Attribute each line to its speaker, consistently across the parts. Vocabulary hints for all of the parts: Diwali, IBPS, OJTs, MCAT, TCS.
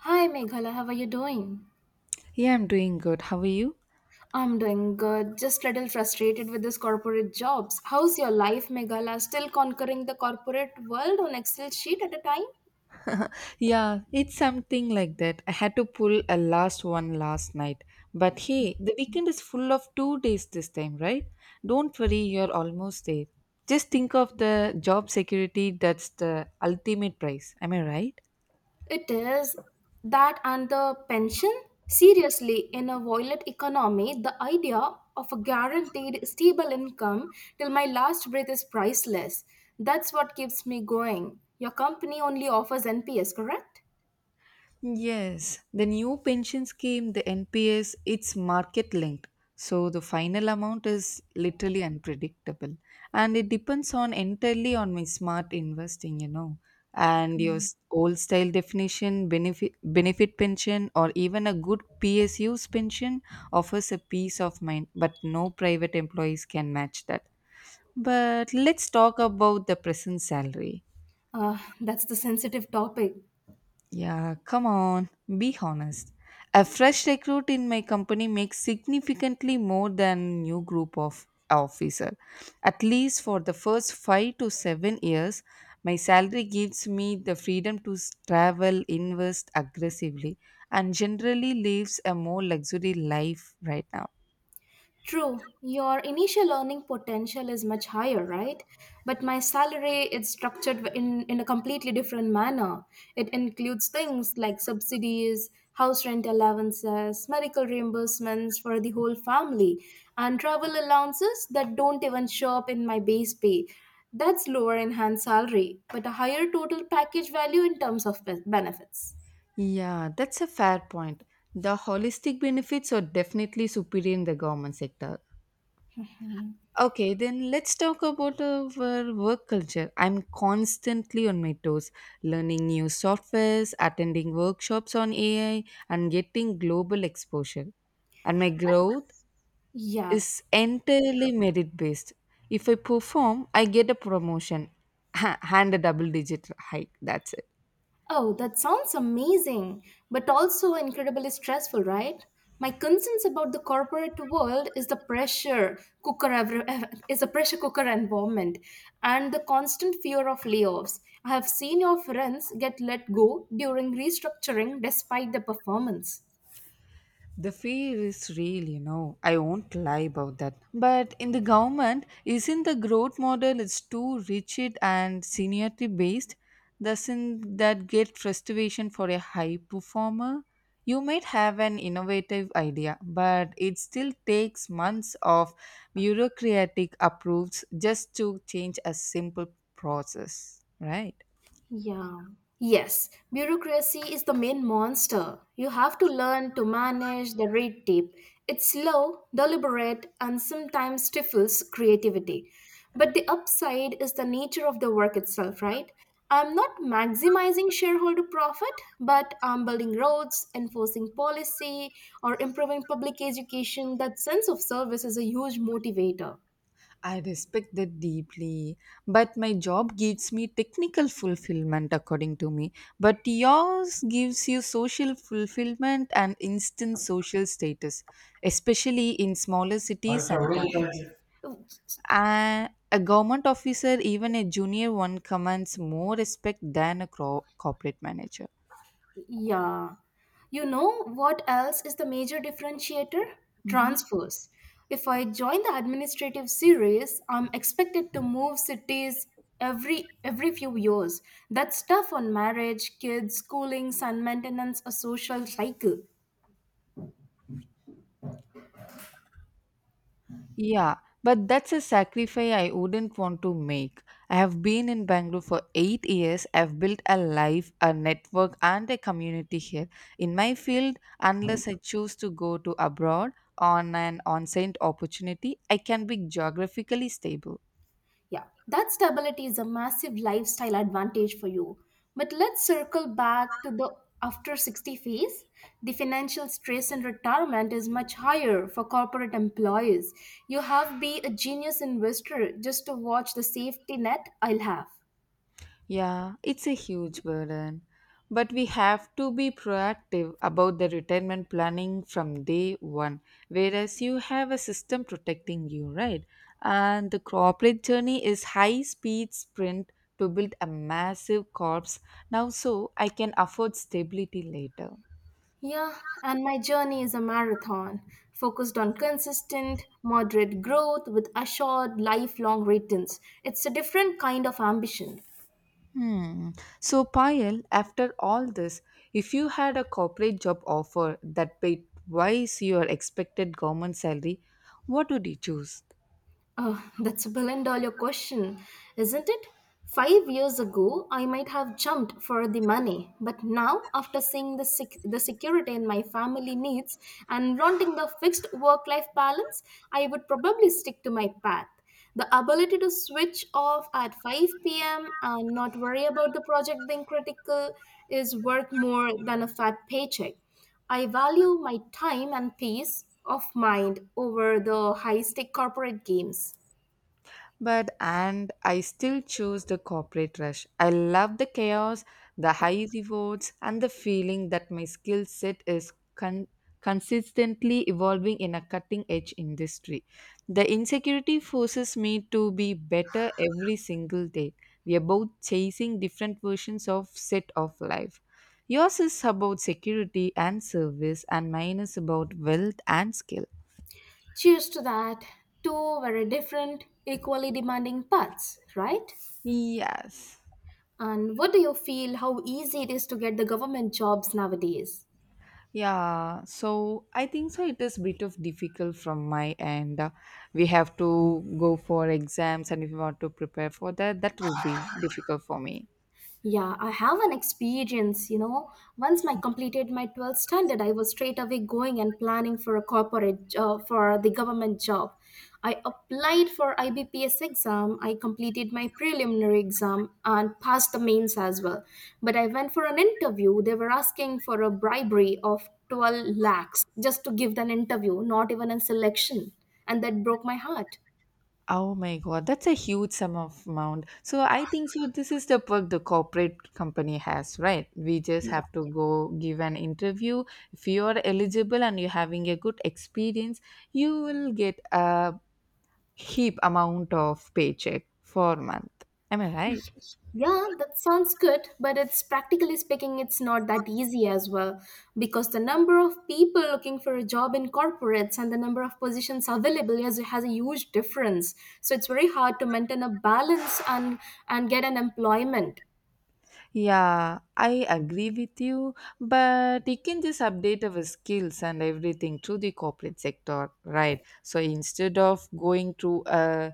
Speaker 1: Hi Meghala, how are you doing?
Speaker 2: Yeah, I'm doing good. How are you?
Speaker 1: I'm doing good, just a little frustrated with this corporate jobs. How's your life, Meghala? Still conquering the corporate world on Excel sheet at a time?
Speaker 2: Yeah, it's something like that. I had to pull a last one last night. But hey, the weekend is full of 2 days this time, right? Don't worry, you're almost there. Just think of the job security that's the ultimate prize. Am I right?
Speaker 1: It is that and the pension? Seriously, in a violent economy, the idea of a guaranteed stable income till my last breath is priceless. That's what keeps me going. Your company only offers NPS, correct?
Speaker 2: Yes, the new pension scheme, the NPS, it's market linked. So the final amount is literally unpredictable and it depends on entirely on my smart investing, and your old style definition benefit pension or even a good PSU's pension offers a peace of mind, but no private employees can match that. But let's talk about the present salary.
Speaker 1: That's the sensitive topic.
Speaker 2: Yeah, come on, be honest. A fresh recruit in my company makes significantly more than new group of officer. At least for the first 5 to 7 years, my salary gives me the freedom to travel, invest aggressively and generally lives a more luxury life right now.
Speaker 1: True, your initial earning potential is much higher, right? But my salary is structured in a completely different manner. It includes things like subsidies, house rent allowances, medical reimbursements for the whole family, and travel allowances that don't even show up in my base pay. That's lower enhanced salary, but a higher total package value in terms of benefits.
Speaker 2: Yeah, that's a fair point. The holistic benefits are definitely superior in the government sector. Okay, then let's talk about our work culture. I'm constantly on my toes, learning new softwares, attending workshops on AI, and getting global exposure. And my growth
Speaker 1: Yeah,
Speaker 2: is entirely merit based. If I perform, I get a promotion and a double digit hike. That's it.
Speaker 1: Oh, that sounds amazing, but also incredibly stressful, right? My concerns about the corporate world is the pressure cooker every, is a pressure cooker environment and the constant fear of layoffs. I have seen your friends get let go during restructuring despite the performance.
Speaker 2: The fear is real, you know. I won't lie about that. But in the government, isn't the growth model it's too rigid and seniority based? Doesn't that get frustration for a high performer? You might have an innovative idea, but it still takes months of bureaucratic approvals just to change a simple process, right?
Speaker 1: Yeah. Yes, bureaucracy is the main monster. You have to learn to manage the red tape. It's slow, deliberate, and sometimes stifles creativity. But the upside is the nature of the work itself, right? I'm not maximizing shareholder profit, but I'm building roads, enforcing policy, or improving public education. That sense of service is a huge motivator.
Speaker 2: I respect that deeply, but my job gives me technical fulfillment, according to me. But yours gives you social fulfillment and instant social status, especially in smaller cities sometimes. And a government officer, even a junior one, commands more respect than a corporate manager.
Speaker 1: Yeah. You know what else is the major differentiator?
Speaker 2: Mhm.
Speaker 1: Transfers. If I join the administrative series, I'm expected to move cities every few years. That's tough on marriage, kids, schooling, sun maintenance, a social cycle.
Speaker 2: Yeah, but that's a sacrifice I wouldn't want to make. I have been in Bangalore for 8 years. I've built a life, a network, and a community here. In my field, unless I choose to go to abroad on an on-site opportunity, I can be geographically stable.
Speaker 1: Yeah, that stability is a massive lifestyle advantage for you. But let's circle back to the after 60 phase. The financial stress in retirement is much higher for corporate employees. You have be a genius investor just to watch the safety net I'll have.
Speaker 2: Yeah, it's a huge burden. But we have to be proactive about the retirement planning from day one, whereas you have a system protecting you, right? And the corporate journey is high speed sprint to build a massive corpse now so I can afford stability later.
Speaker 1: Yeah, and my journey is a marathon focused on consistent, moderate growth with assured lifelong returns. It's a different kind of ambition.
Speaker 2: Hmm. So, Payal, after all this, if you had a corporate job offer that paid twice your expected government salary, what would you choose?
Speaker 1: Oh, that's a billion dollar question, isn't it? 5 years ago, I might have jumped for the money, but now, after seeing the security in my family needs and wanting the fixed work life balance, I would probably stick to my path. The ability to switch off at 5 p.m. and not worry about the project being critical is worth more than a fat paycheck. I value my time and peace of mind over the high stake corporate games.
Speaker 2: But and I still choose the corporate rush. I love the chaos, the high rewards, and the feeling that my skill set is consistently evolving in a cutting edge industry. The insecurity forces me to be better every single day. We are both chasing different versions of set of life. Yours is about security and service, and mine is about wealth and skill.
Speaker 1: Cheers to that. Two very different, equally demanding paths, right?
Speaker 2: Yes.
Speaker 1: And what do you feel how easy it is to get the government jobs nowadays?
Speaker 2: Yeah, so I think so. It is a bit of difficult from my end. We have to go for exams, and if you want to prepare for that, that will be difficult for me.
Speaker 1: Yeah, I have an experience, you know. Once I completed my 12th standard, I was straight away going and planning for a corporate job, for the government job. I applied for IBPS exam, I completed my preliminary exam and passed the mains as well. But I went for an interview, they were asking for a bribery of 12 lakhs just to give an interview, not even a selection. And that broke my heart.
Speaker 2: Oh my God, that's a huge sum of amount. So I think so. This is the perk the corporate company has, right? We just have to go give an interview. If you are eligible and you're having a good experience, you will get a heap amount of paycheck for a month. Am I right?
Speaker 1: Yeah, that sounds good, but it's practically speaking, it's not that easy as well because the number of people looking for a job in corporates and the number of positions available has a huge difference. So it's very hard to maintain a balance and get an employment.
Speaker 2: Yeah, I agree with you, but you can just update our skills and everything to the corporate sector, right? So instead of going through a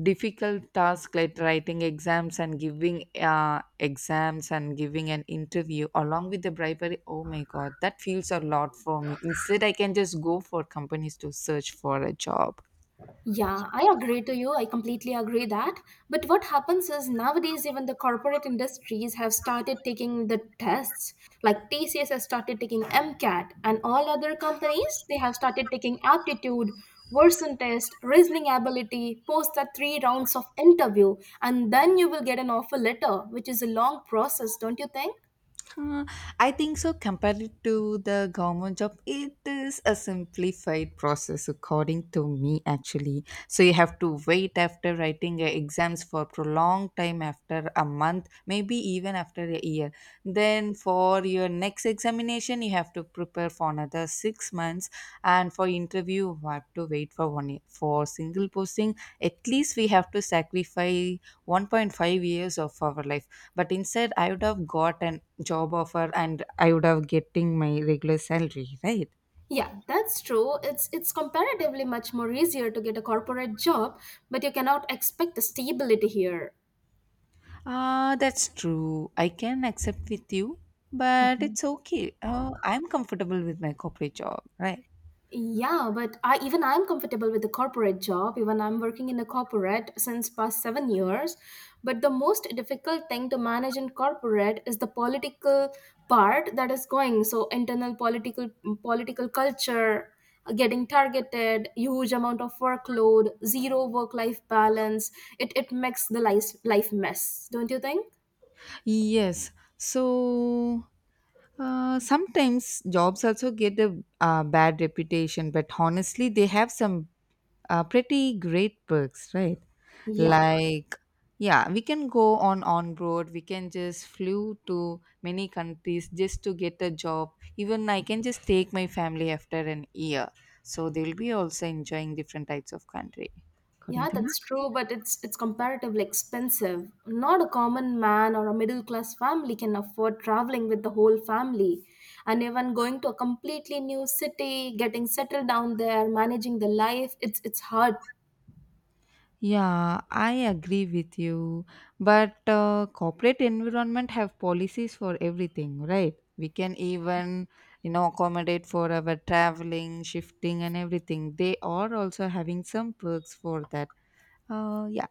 Speaker 2: difficult task like writing exams and giving an interview along with the bribery, oh my god, that feels a lot for me. Instead, I can just go for companies to search for a job.
Speaker 1: Yeah, I agree to you. I completely agree that. But what happens is nowadays, even the corporate industries have started taking the tests. Like TCS has started taking MCAT, and all other companies they have started taking aptitude, worsen test, reasoning ability. Post that three rounds of interview, and then you will get an offer letter, which is a long process, don't you think?
Speaker 2: Uh, I think so. Compared to the government job, it is a simplified process, according to me, actually. So you have to wait after writing your exams for prolonged time, after a month, maybe even after a year. Then for your next examination, you have to prepare for another 6 months, and for interview, you have to wait for 1 year. For single posting, at least we have to sacrifice 1.5 years of our life, but instead I would have got an job offer and I would have getting my regular salary, right?
Speaker 1: Yeah, that's true. It's comparatively much more easier to get a corporate job, but you cannot expect the stability here.
Speaker 2: Ah, that's true. I can accept with you, but it's okay. I'm comfortable with my corporate job, right?
Speaker 1: Yeah, but I even I'm comfortable with the corporate job. Even I'm working in a corporate since past 7 years. But the most difficult thing to manage in corporate is the political part that is going. So internal political culture, getting targeted, huge amount of workload, zero work life balance. It makes the life mess, don't you think?
Speaker 2: Yes. So sometimes jobs also get a bad reputation, but honestly they have some pretty great perks, right?
Speaker 1: Yeah.
Speaker 2: Like, yeah, we can go on road, we can just flew to many countries just to get a job. Even I can just take my family after an year, so they will be also enjoying different types of country, according
Speaker 1: Yeah,
Speaker 2: to me.
Speaker 1: that's true, but it's comparatively expensive. Not a common man or a middle class family can afford traveling with the whole family. And even going to a completely new city, getting settled down there, managing the life, it's hard.
Speaker 2: Yeah, I agree with you, but corporate environment have policies for everything, right? We can even, you know, accommodate for our traveling, shifting and everything. They are also having some perks for that. Yeah.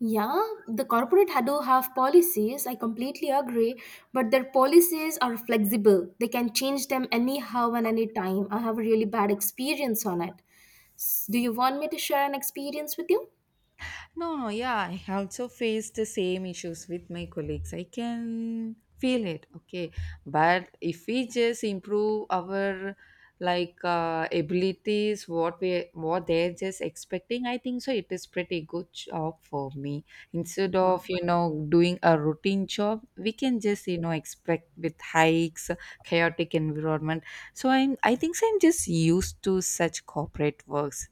Speaker 1: Yeah, the do have policies, I completely agree, but their policies are flexible. They can change them anyhow and any time. I have a really bad experience on it. Do you want me to share an experience with you?
Speaker 2: No, no, yeah, I also faced the same issues with my colleagues. I can feel it, okay. But if we just improve our, like, abilities, what we what they're just expecting, I think so. It is pretty good job for me. Instead of, you know, doing a routine job, we can just, you know, expect with hikes, chaotic environment. So I think so I'm just used to such corporate works.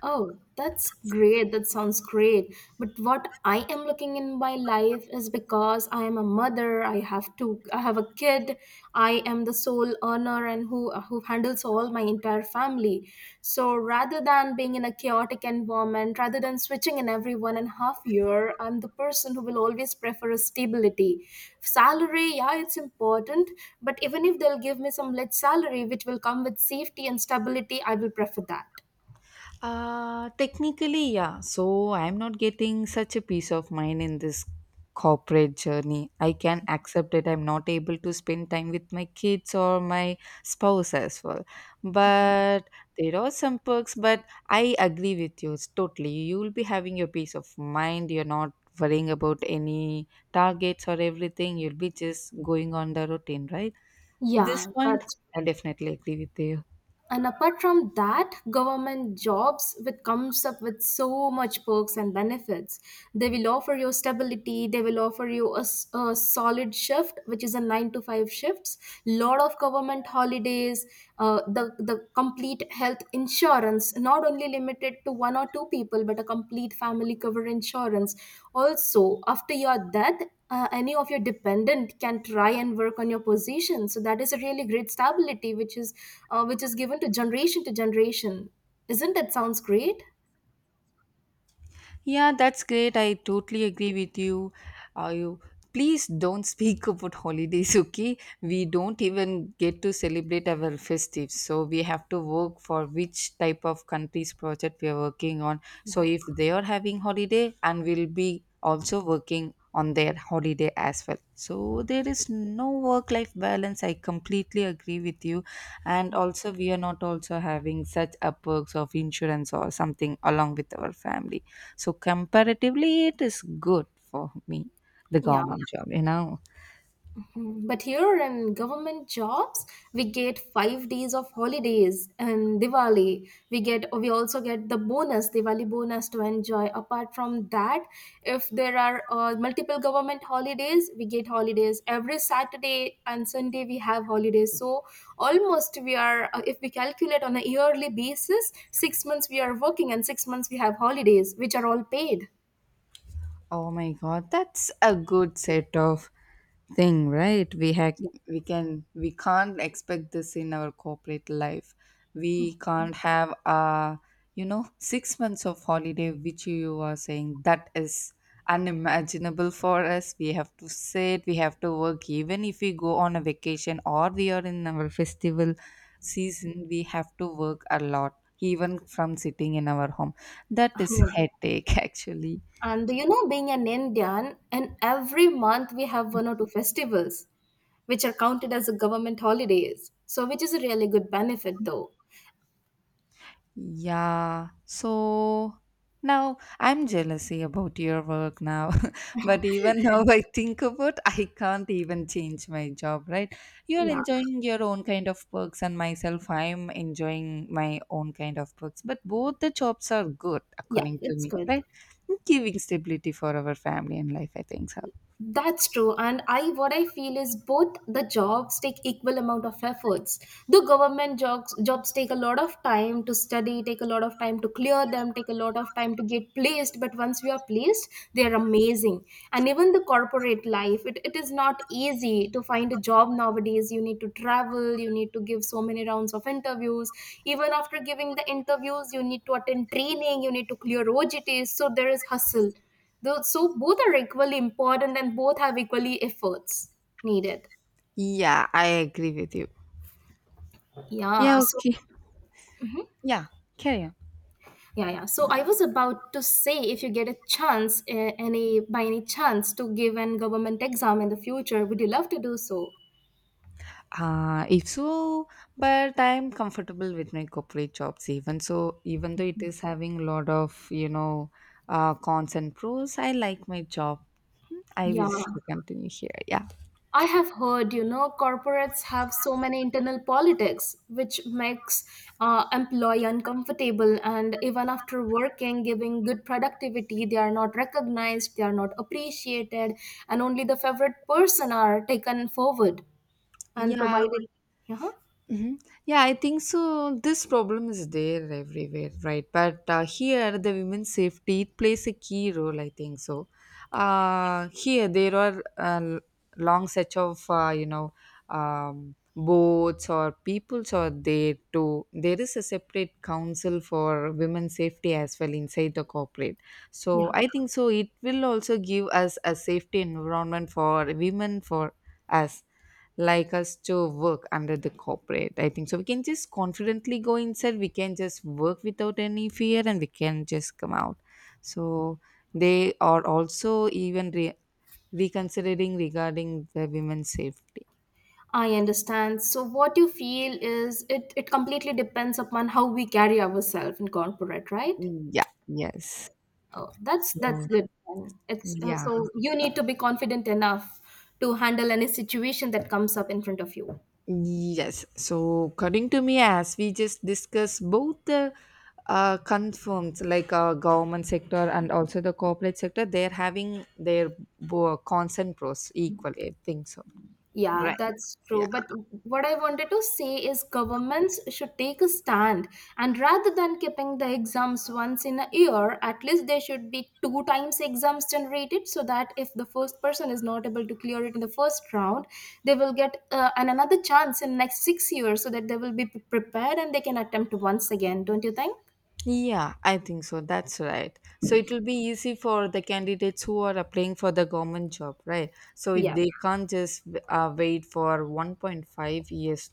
Speaker 1: Oh, that's great. That sounds great. But what I am looking in my life is because I am a mother, I have a kid, I am the sole earner and who handles all my entire family. So rather than being in a chaotic environment, rather than switching in every 1.5 year, I'm the person who will always prefer a stability. Salary, yeah, it's important, but even if they'll give me some less salary which will come with safety and stability, I will prefer that.
Speaker 2: Technically, yeah. So I'm not getting such a peace of mind in this corporate journey. I can accept that I'm not able to spend time with my kids or my spouse as well. But there are some perks, but I agree with you, it's totally. You will be having your peace of mind. You're not worrying about any targets or everything. You'll be just going on the routine, right? This
Speaker 1: Yeah,
Speaker 2: point,
Speaker 1: that's
Speaker 2: I definitely agree with you.
Speaker 1: and apart from that, government jobs which comes up with so much perks and benefits. They will offer you stability. They will offer you a solid shift, which is a nine to five shifts. Lot of government holidays. The complete health insurance, not only limited to one or two people, but a complete family cover insurance. Also, after your death, any of your dependent can try and work on your position so that is a really great stability which is given to generation to generation. Isn't that sounds great?
Speaker 2: Yeah, that's great. I totally agree with you. You please don't speak about holidays, okay? We don't even get to celebrate our festives. So we have to work for which type of country's project we are working on. So if they are having holiday and we'll be also working on their holiday as well. So there is no work life balance. I completely agree with you. And also we are not also having such perks of insurance or something along with our family, so comparatively it is good for me, the
Speaker 1: Yeah.
Speaker 2: government job, you know.
Speaker 1: Mm, but here in government jobs, we get 5 days of holidays and Diwali. We also get the bonus, Diwali bonus to enjoy. Apart from that, if there are multiple government holidays, we get holidays every Saturday and Sunday. We have holidays. So almost we are, if we calculate on a yearly basis, 6 months we are working and 6 months we have holidays, which are all paid.
Speaker 2: Oh my god, that's a good set of thing, right? We can we can't expect this in our corporate life. We can't have you know, 6 months of holiday which you are saying, that is unimaginable for us. We have to sit, we have to work even if we go on a vacation or we are in our festival season, we have to work a lot even from sitting in our home. That is
Speaker 1: Yeah.
Speaker 2: headache actually.
Speaker 1: And you know, being an Indian, and every month we have one or two festivals, which are counted as a government holidays. So, which is a really good benefit, though.
Speaker 2: Yeah. So now I'm jealousy about your work now. But even now I think about I can't even change my job, right? You're
Speaker 1: Yeah,
Speaker 2: enjoying your own kind of perks and myself I'm enjoying my own kind of perks. But both the jobs are good
Speaker 1: yeah,
Speaker 2: according to
Speaker 1: it's
Speaker 2: me,
Speaker 1: good.
Speaker 2: right? Giving stability for our family and life, I think so.
Speaker 1: That's true, and I what I feel is both the jobs take equal amount of efforts. The government jobs take a lot of time to study, take a lot of time to clear them, take a lot of time to get placed. But once we are placed, they are amazing. And even the corporate life, it is not easy to find a job nowadays. You need to travel, you need to give so many rounds of interviews. Even after giving the interviews, you need to attend training, you need to clear OJTs. So there is hustle though, so both are equally important and both have equally efforts needed.
Speaker 2: Yeah, I agree with you.
Speaker 1: Yeah.
Speaker 2: Yeah,
Speaker 1: So
Speaker 2: okay. Yeah, carry on.
Speaker 1: yeah, yeah. So I was about to say, if you get a chance, eh, any by any chance to give an government exam in the future, would you love to do so?
Speaker 2: If so, but I'm comfortable with my corporate jobs, even so even though it is having a lot of, you know, cons and pros, I like my job. I
Speaker 1: Yeah.
Speaker 2: wish to continue here. Yeah.
Speaker 1: I have heard, you know, corporates have so many internal politics, which makes employee uncomfortable. And even after working, giving good productivity, they are not recognized, they are not appreciated, and only the favorite person are taken forward and
Speaker 2: Yeah.
Speaker 1: provided. Yeah,
Speaker 2: Hmm. Yeah, I think so. This problem is there everywhere, right? But here, the women's safety it plays a key role, I think so. Here there are long sets of, you know, boats or peoples are there too. There is a separate council for women's safety as well inside the corporate. So
Speaker 1: yeah.
Speaker 2: I think so. It will also give us a safety environment for women for us, like us to work under the corporate. I think so we can just confidently go inside, we can just work without any fear and we can just come out. So they are also even reconsidering regarding the women's safety.
Speaker 1: I understand. So what you feel is it completely depends upon how we carry ourselves in corporate, right?
Speaker 2: Yeah, yes.
Speaker 1: Oh, that's
Speaker 2: So,
Speaker 1: good then. It's
Speaker 2: yeah.
Speaker 1: so you need to be confident enough to handle any situation that comes up in front of you.
Speaker 2: Yes. So, according to me, as we just discussed, both the confirms, like, government sector and also the corporate sector, they're having their cons and pros equal, I think so.
Speaker 1: Yeah,
Speaker 2: Right.
Speaker 1: that's
Speaker 2: Yeah.
Speaker 1: true. But what I wanted to say is governments should take a stand and rather than keeping the exams once in a year, at least there should be two times exams generated so that if the first person is not able to clear it in the first round, they will get an another chance in next 6 years so that they will be prepared and they can attempt once again, don't you think?
Speaker 2: Yeah, I think so. That's right. So it will be easy for the candidates who are applying for the government job, right? So
Speaker 1: Yeah.
Speaker 2: they can't just wait for 1.5 years.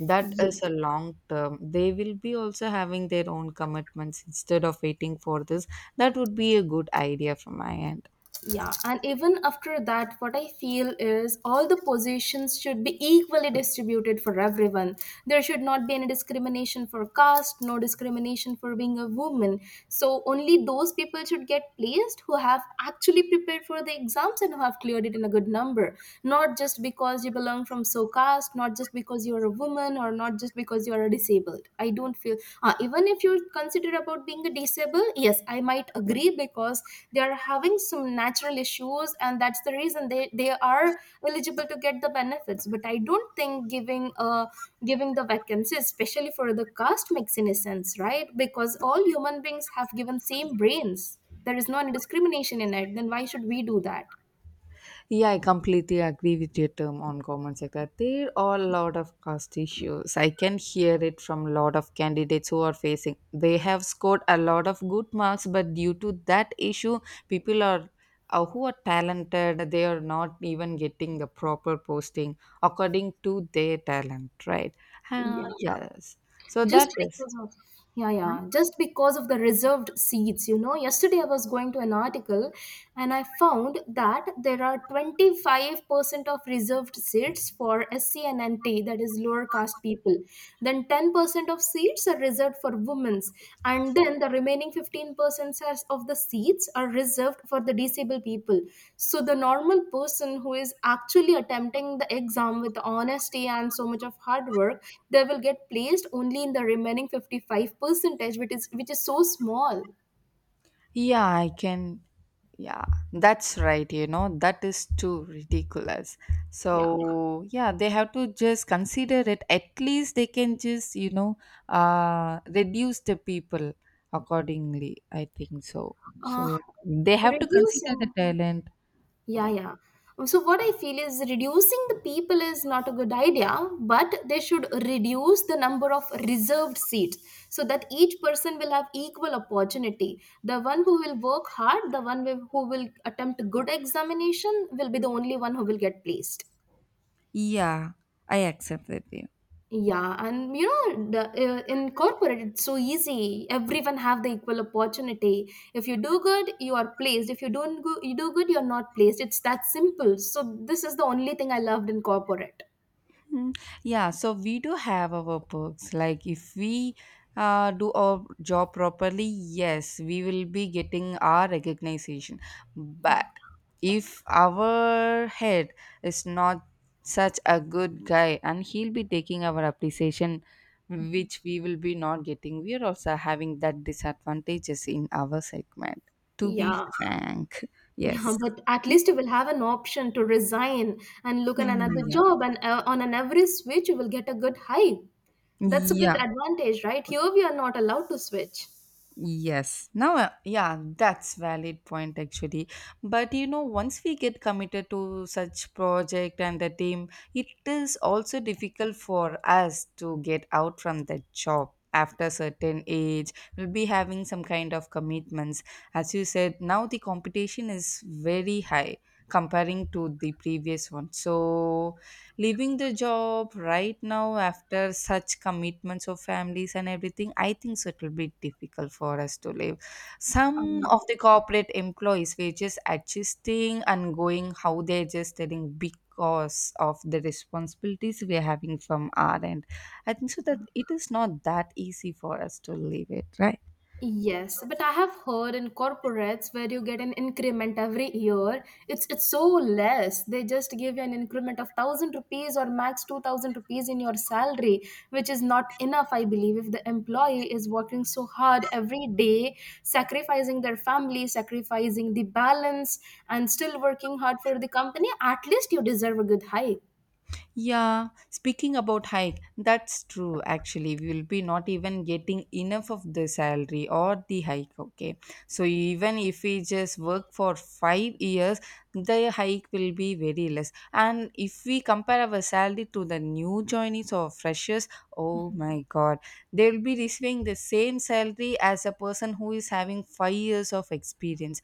Speaker 2: That
Speaker 1: Yeah,
Speaker 2: is a long term. They will be also having their own commitments instead of waiting for this. That would be a good idea from my end.
Speaker 1: yeah. And even after that, what I feel is all the positions should be equally distributed for everyone. There should not be any discrimination for caste, no discrimination for being a woman. So only those people should get placed who have actually prepared for the exams and who have cleared it in a good number. Not just because you belong from so caste, not just because you're a woman, or not just because you're a disabled. I don't feel. Even if you consider about being a disabled, yes, I might agree because they are having some natural issues, and that's the reason they are eligible to get the benefits. But I don't think giving giving the vacancies especially for the caste makes any sense, right? Because all human beings have given same brains. There is no any discrimination in it, then why should we do that?
Speaker 2: Yeah, I completely agree with your term on government sector. There are a lot of cost issues. I can hear it from a lot of candidates who are facing. They have scored a lot of good marks, but due to that issue, people are who are talented. They are not even getting the proper posting according to their talent, right? Uh,
Speaker 1: Yeah,
Speaker 2: yes. So that
Speaker 1: just
Speaker 2: is.
Speaker 1: because of yeah yeah just because of the reserved seats, yesterday I was going to an article, and I found that there are 25% of reserved seats for SC and NT, that is lower caste people. Then 10% of seats are reserved for women, and then the remaining 15% of the seats are reserved for the disabled people. So the normal person who is actually attempting the exam with honesty and so much of hard work, they will get placed only in the remaining 55 percentage, which is so small.
Speaker 2: Yeah, I can. Yeah, that's right. You know, that is too ridiculous.
Speaker 1: Yeah.
Speaker 2: So, yeah, they have to just consider it. At least they can just, reduce the people accordingly, I think so.
Speaker 1: uh,
Speaker 2: So, they have to consider the
Speaker 1: reducing
Speaker 2: talent.
Speaker 1: Yeah,
Speaker 2: Like,
Speaker 1: yeah. So what I feel is reducing the people is not a good idea, but they should reduce the number of reserved seats so that each person will have equal opportunity. The one who will work hard, who will attempt good examination will be the only one who will get placed.
Speaker 2: yeah, I accept with you.
Speaker 1: Yeah, and in corporate, it's so easy. Everyone have the equal opportunity. If you do good, you are placed. If you don't go, you do good, you're not placed. It's that simple. So this is the only thing I loved in corporate.
Speaker 2: Mm, yeah, so we do have our perks. Like if we do our job properly, yes, we will be getting our recognition.
Speaker 1: Yeah,
Speaker 2: But if our head is not such a good guy and he'll be taking our appreciation, which we will be not getting, we are also having that disadvantages in our segment. To be
Speaker 1: yeah,
Speaker 2: frank,
Speaker 1: yeah.
Speaker 2: yes.
Speaker 1: But at least you will have an option to resign and look at
Speaker 2: Mm,
Speaker 1: another
Speaker 2: yeah.
Speaker 1: job. And on an every switch, you will get a good hike. That's a good
Speaker 2: Yeah,
Speaker 1: advantage, right? Here we are not allowed to switch.
Speaker 2: yes. Now, yeah, that's valid point actually. But you know, once we get committed to such project and the team, it is also difficult for us to get out from that job. After certain age, we'll be having some kind of commitments. As you said, now the competition is very high comparing to the previous one. So leaving the job right now after such commitments of families and everything, I think so it will be difficult for us to leave. Some
Speaker 1: Um,
Speaker 2: of the corporate employees were just adjusting and going how they're just telling, because of the responsibilities we're having from our end, I think so that it is not that easy for us to leave it, right?
Speaker 1: Yes, but I have heard in corporates where you get an increment every year, it's so less. They just give you an increment of thousand rupees or max 2,000 rupees in your salary, which is not enough, I believe, if the employee is working so hard every day, sacrificing their family, sacrificing the balance, and still working hard for the company, at least you deserve a good hike.
Speaker 2: Yeah, speaking about hike, that's true actually. We will be not even getting enough of the salary or the hike, okay? So even if we just work for 5 years, the hike will be very less. And if we compare our salary to the new joinees or freshers, oh my god, they will be receiving the same salary as a person who is having 5 years of experience.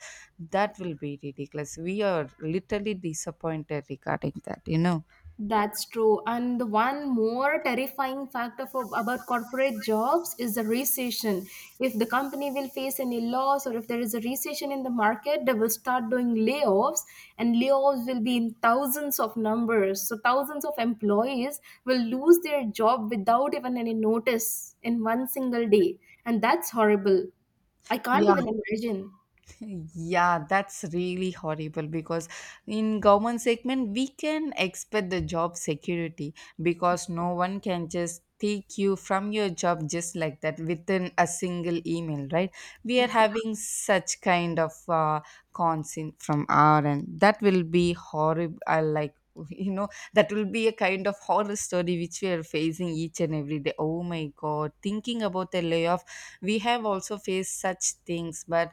Speaker 1: Yeah.
Speaker 2: That will be ridiculous. We are literally disappointed regarding that, you know.
Speaker 1: That's true. And the one more terrifying fact about corporate jobs is the recession. If the company will face any loss or if there is a recession in the market, they will start doing layoffs, and layoffs will be in thousands of numbers. So, thousands of employees will lose their job without even any notice in one single day. And that's horrible. I can't
Speaker 2: Yeah,
Speaker 1: even imagine.
Speaker 2: yeah, that's really horrible because in government segment we can expect the job security, because no one can just take you from your job just like that within a single email, right? We are having such kind of cons in from our end that will be horrible. I like you know, that will be a kind of horror story which we are facing each and every day. Oh my god, thinking about the layoff, we have also faced such things. But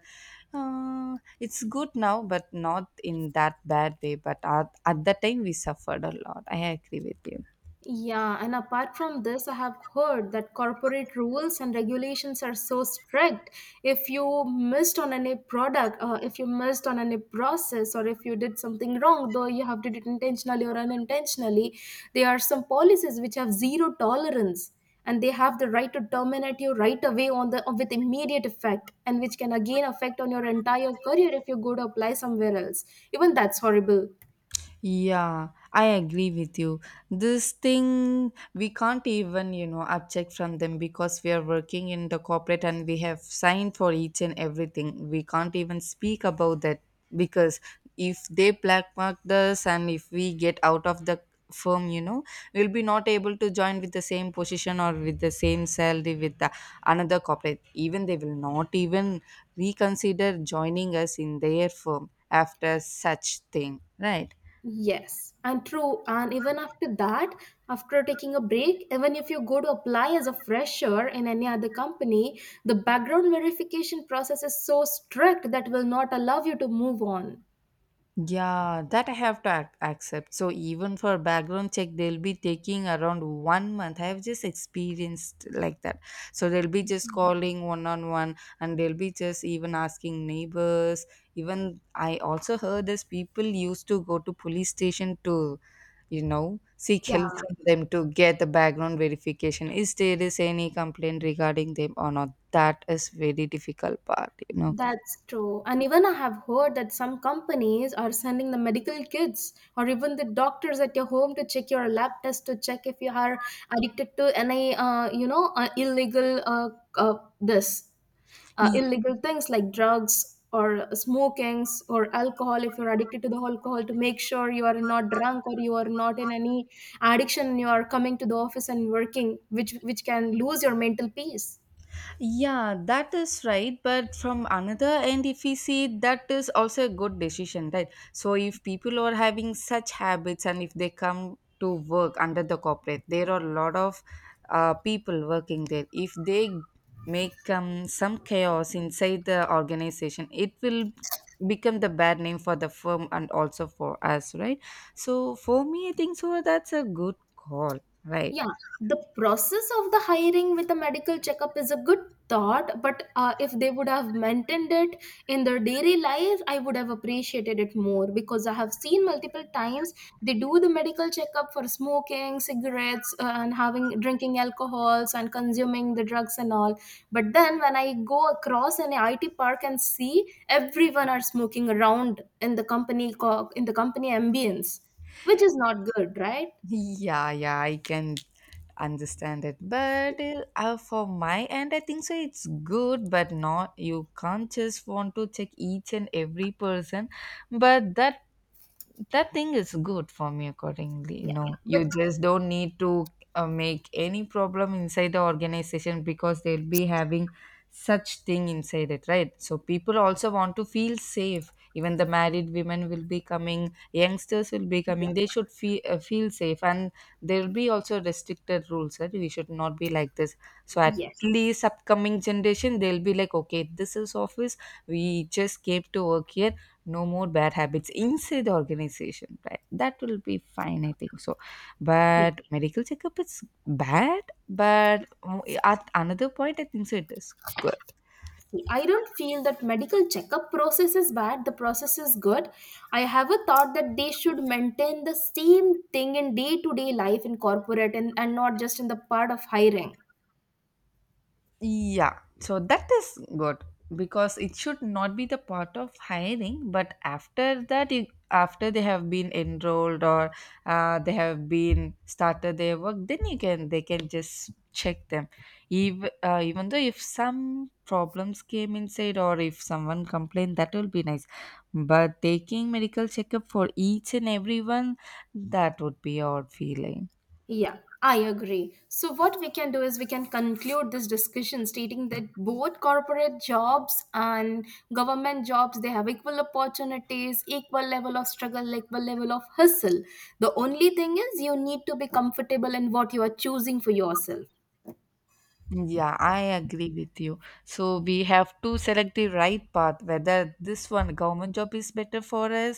Speaker 2: it's good now, but not in that bad way. But at that time, we suffered a lot. I agree with you.
Speaker 1: Yeah, and apart from this, I have heard that corporate rules and regulations are so strict. If you missed on any product, if you missed on any process, or if you did something wrong, though you have did it intentionally or unintentionally, there are some policies which have zero tolerance, and they have the right to terminate you right away on the with immediate effect, and which can again affect on your entire career if you go to apply somewhere else. Even that's horrible.
Speaker 2: Yeah, I agree with you. This thing we can't even, you know, object from them, because we are working in the corporate and we have signed for each and everything. We can't even speak about that because if they black mark us and if we get out of the firm, you know, we'll be not able to join with the same position or with the same salary with the another corporate. Even they will not even reconsider joining us in their firm after such thing, right?
Speaker 1: Yes, and true. And even after that, after taking a break, even if you go to apply as a fresher in any other company, the background verification process is so strict that will not allow you to move on.
Speaker 2: Yeah, that I have to accept. So even for background check, they'll be taking around 1 month. I have just experienced like that. So they'll be just calling one on one, and they'll be just even asking neighbors. Even I also heard this people used to go to police station to, you know, seek
Speaker 1: Yeah,
Speaker 2: help from them to get the background verification. Is there is any complaint regarding them or not? That is very difficult part, you know.
Speaker 1: that's true. And even I have heard that some companies are sending the medical kids or even the doctors at your home to check your lab test to check if you are addicted to any, uh, this illegal things like drugs or smokings or alcohol, if you're addicted to the alcohol, to make sure you are not drunk or you are not in any addiction and you are coming to the office and working, which can lose your mental peace.
Speaker 2: Yeah, that is right. But from another end, if we see that is also a good decision, right? So if people are having such habits and if they come to work under the corporate, there are a lot of people working there. If they make some chaos inside the organization, it will become the bad name for the firm and also for us, right? So for me, I think so, that's a good call, right?
Speaker 1: Yeah, the process of the hiring with a medical checkup is a good thought, but if they would have maintained it in their daily life, I would have appreciated it more because I have seen multiple times they do the medical checkup for smoking, cigarettes, and having drinking alcohols and consuming the drugs and all. But then when I go across an IT park and see everyone are smoking around in the company ambience, which is not good, right?
Speaker 2: Yeah, yeah, I can understand it, but for my end I think so it's good, but not you can't just want to check each and every person. But that thing is good for me accordingly, you
Speaker 1: Yeah,
Speaker 2: know.
Speaker 1: but
Speaker 2: You just don't need to make any problem inside the organization, because they'll be having such thing inside it, right? So people also want to feel safe. Even the married women will be coming, youngsters will be
Speaker 1: yeah.
Speaker 2: coming, they should feel feel safe. And there'll be also restricted rules that we should not be like this. So at
Speaker 1: Yes.
Speaker 2: least upcoming generation, they'll be like, okay, this is office, we just came to work here, no more bad habits inside the organization, right? That will be fine, I think so.
Speaker 1: Yeah.
Speaker 2: But medical checkup is bad, but mm, at another point I think so it is good.
Speaker 1: See, I don't feel that medical checkup process is bad. The process is good. I have a thought that they should maintain the same thing in day to day life in corporate and not just in the part of hiring.
Speaker 2: Yeah, so that is good, because it should not be the part of hiring, but after that, you, after they have been enrolled or they have been started their work, then you can they can just check them. Even even though if some problems came inside or if someone complained, that will be nice. But taking medical checkup for each and everyone, that would be odd feeling.
Speaker 1: Yeah, I agree. So, what we can do is we can conclude this discussion stating that both corporate jobs and government jobs they have equal opportunities, equal level of struggle, equal level of hustle. The only thing is you need to be comfortable in what you are choosing for yourself.
Speaker 2: Yeah, I agree with you. So we have to select the right path, whether this one government job is better for us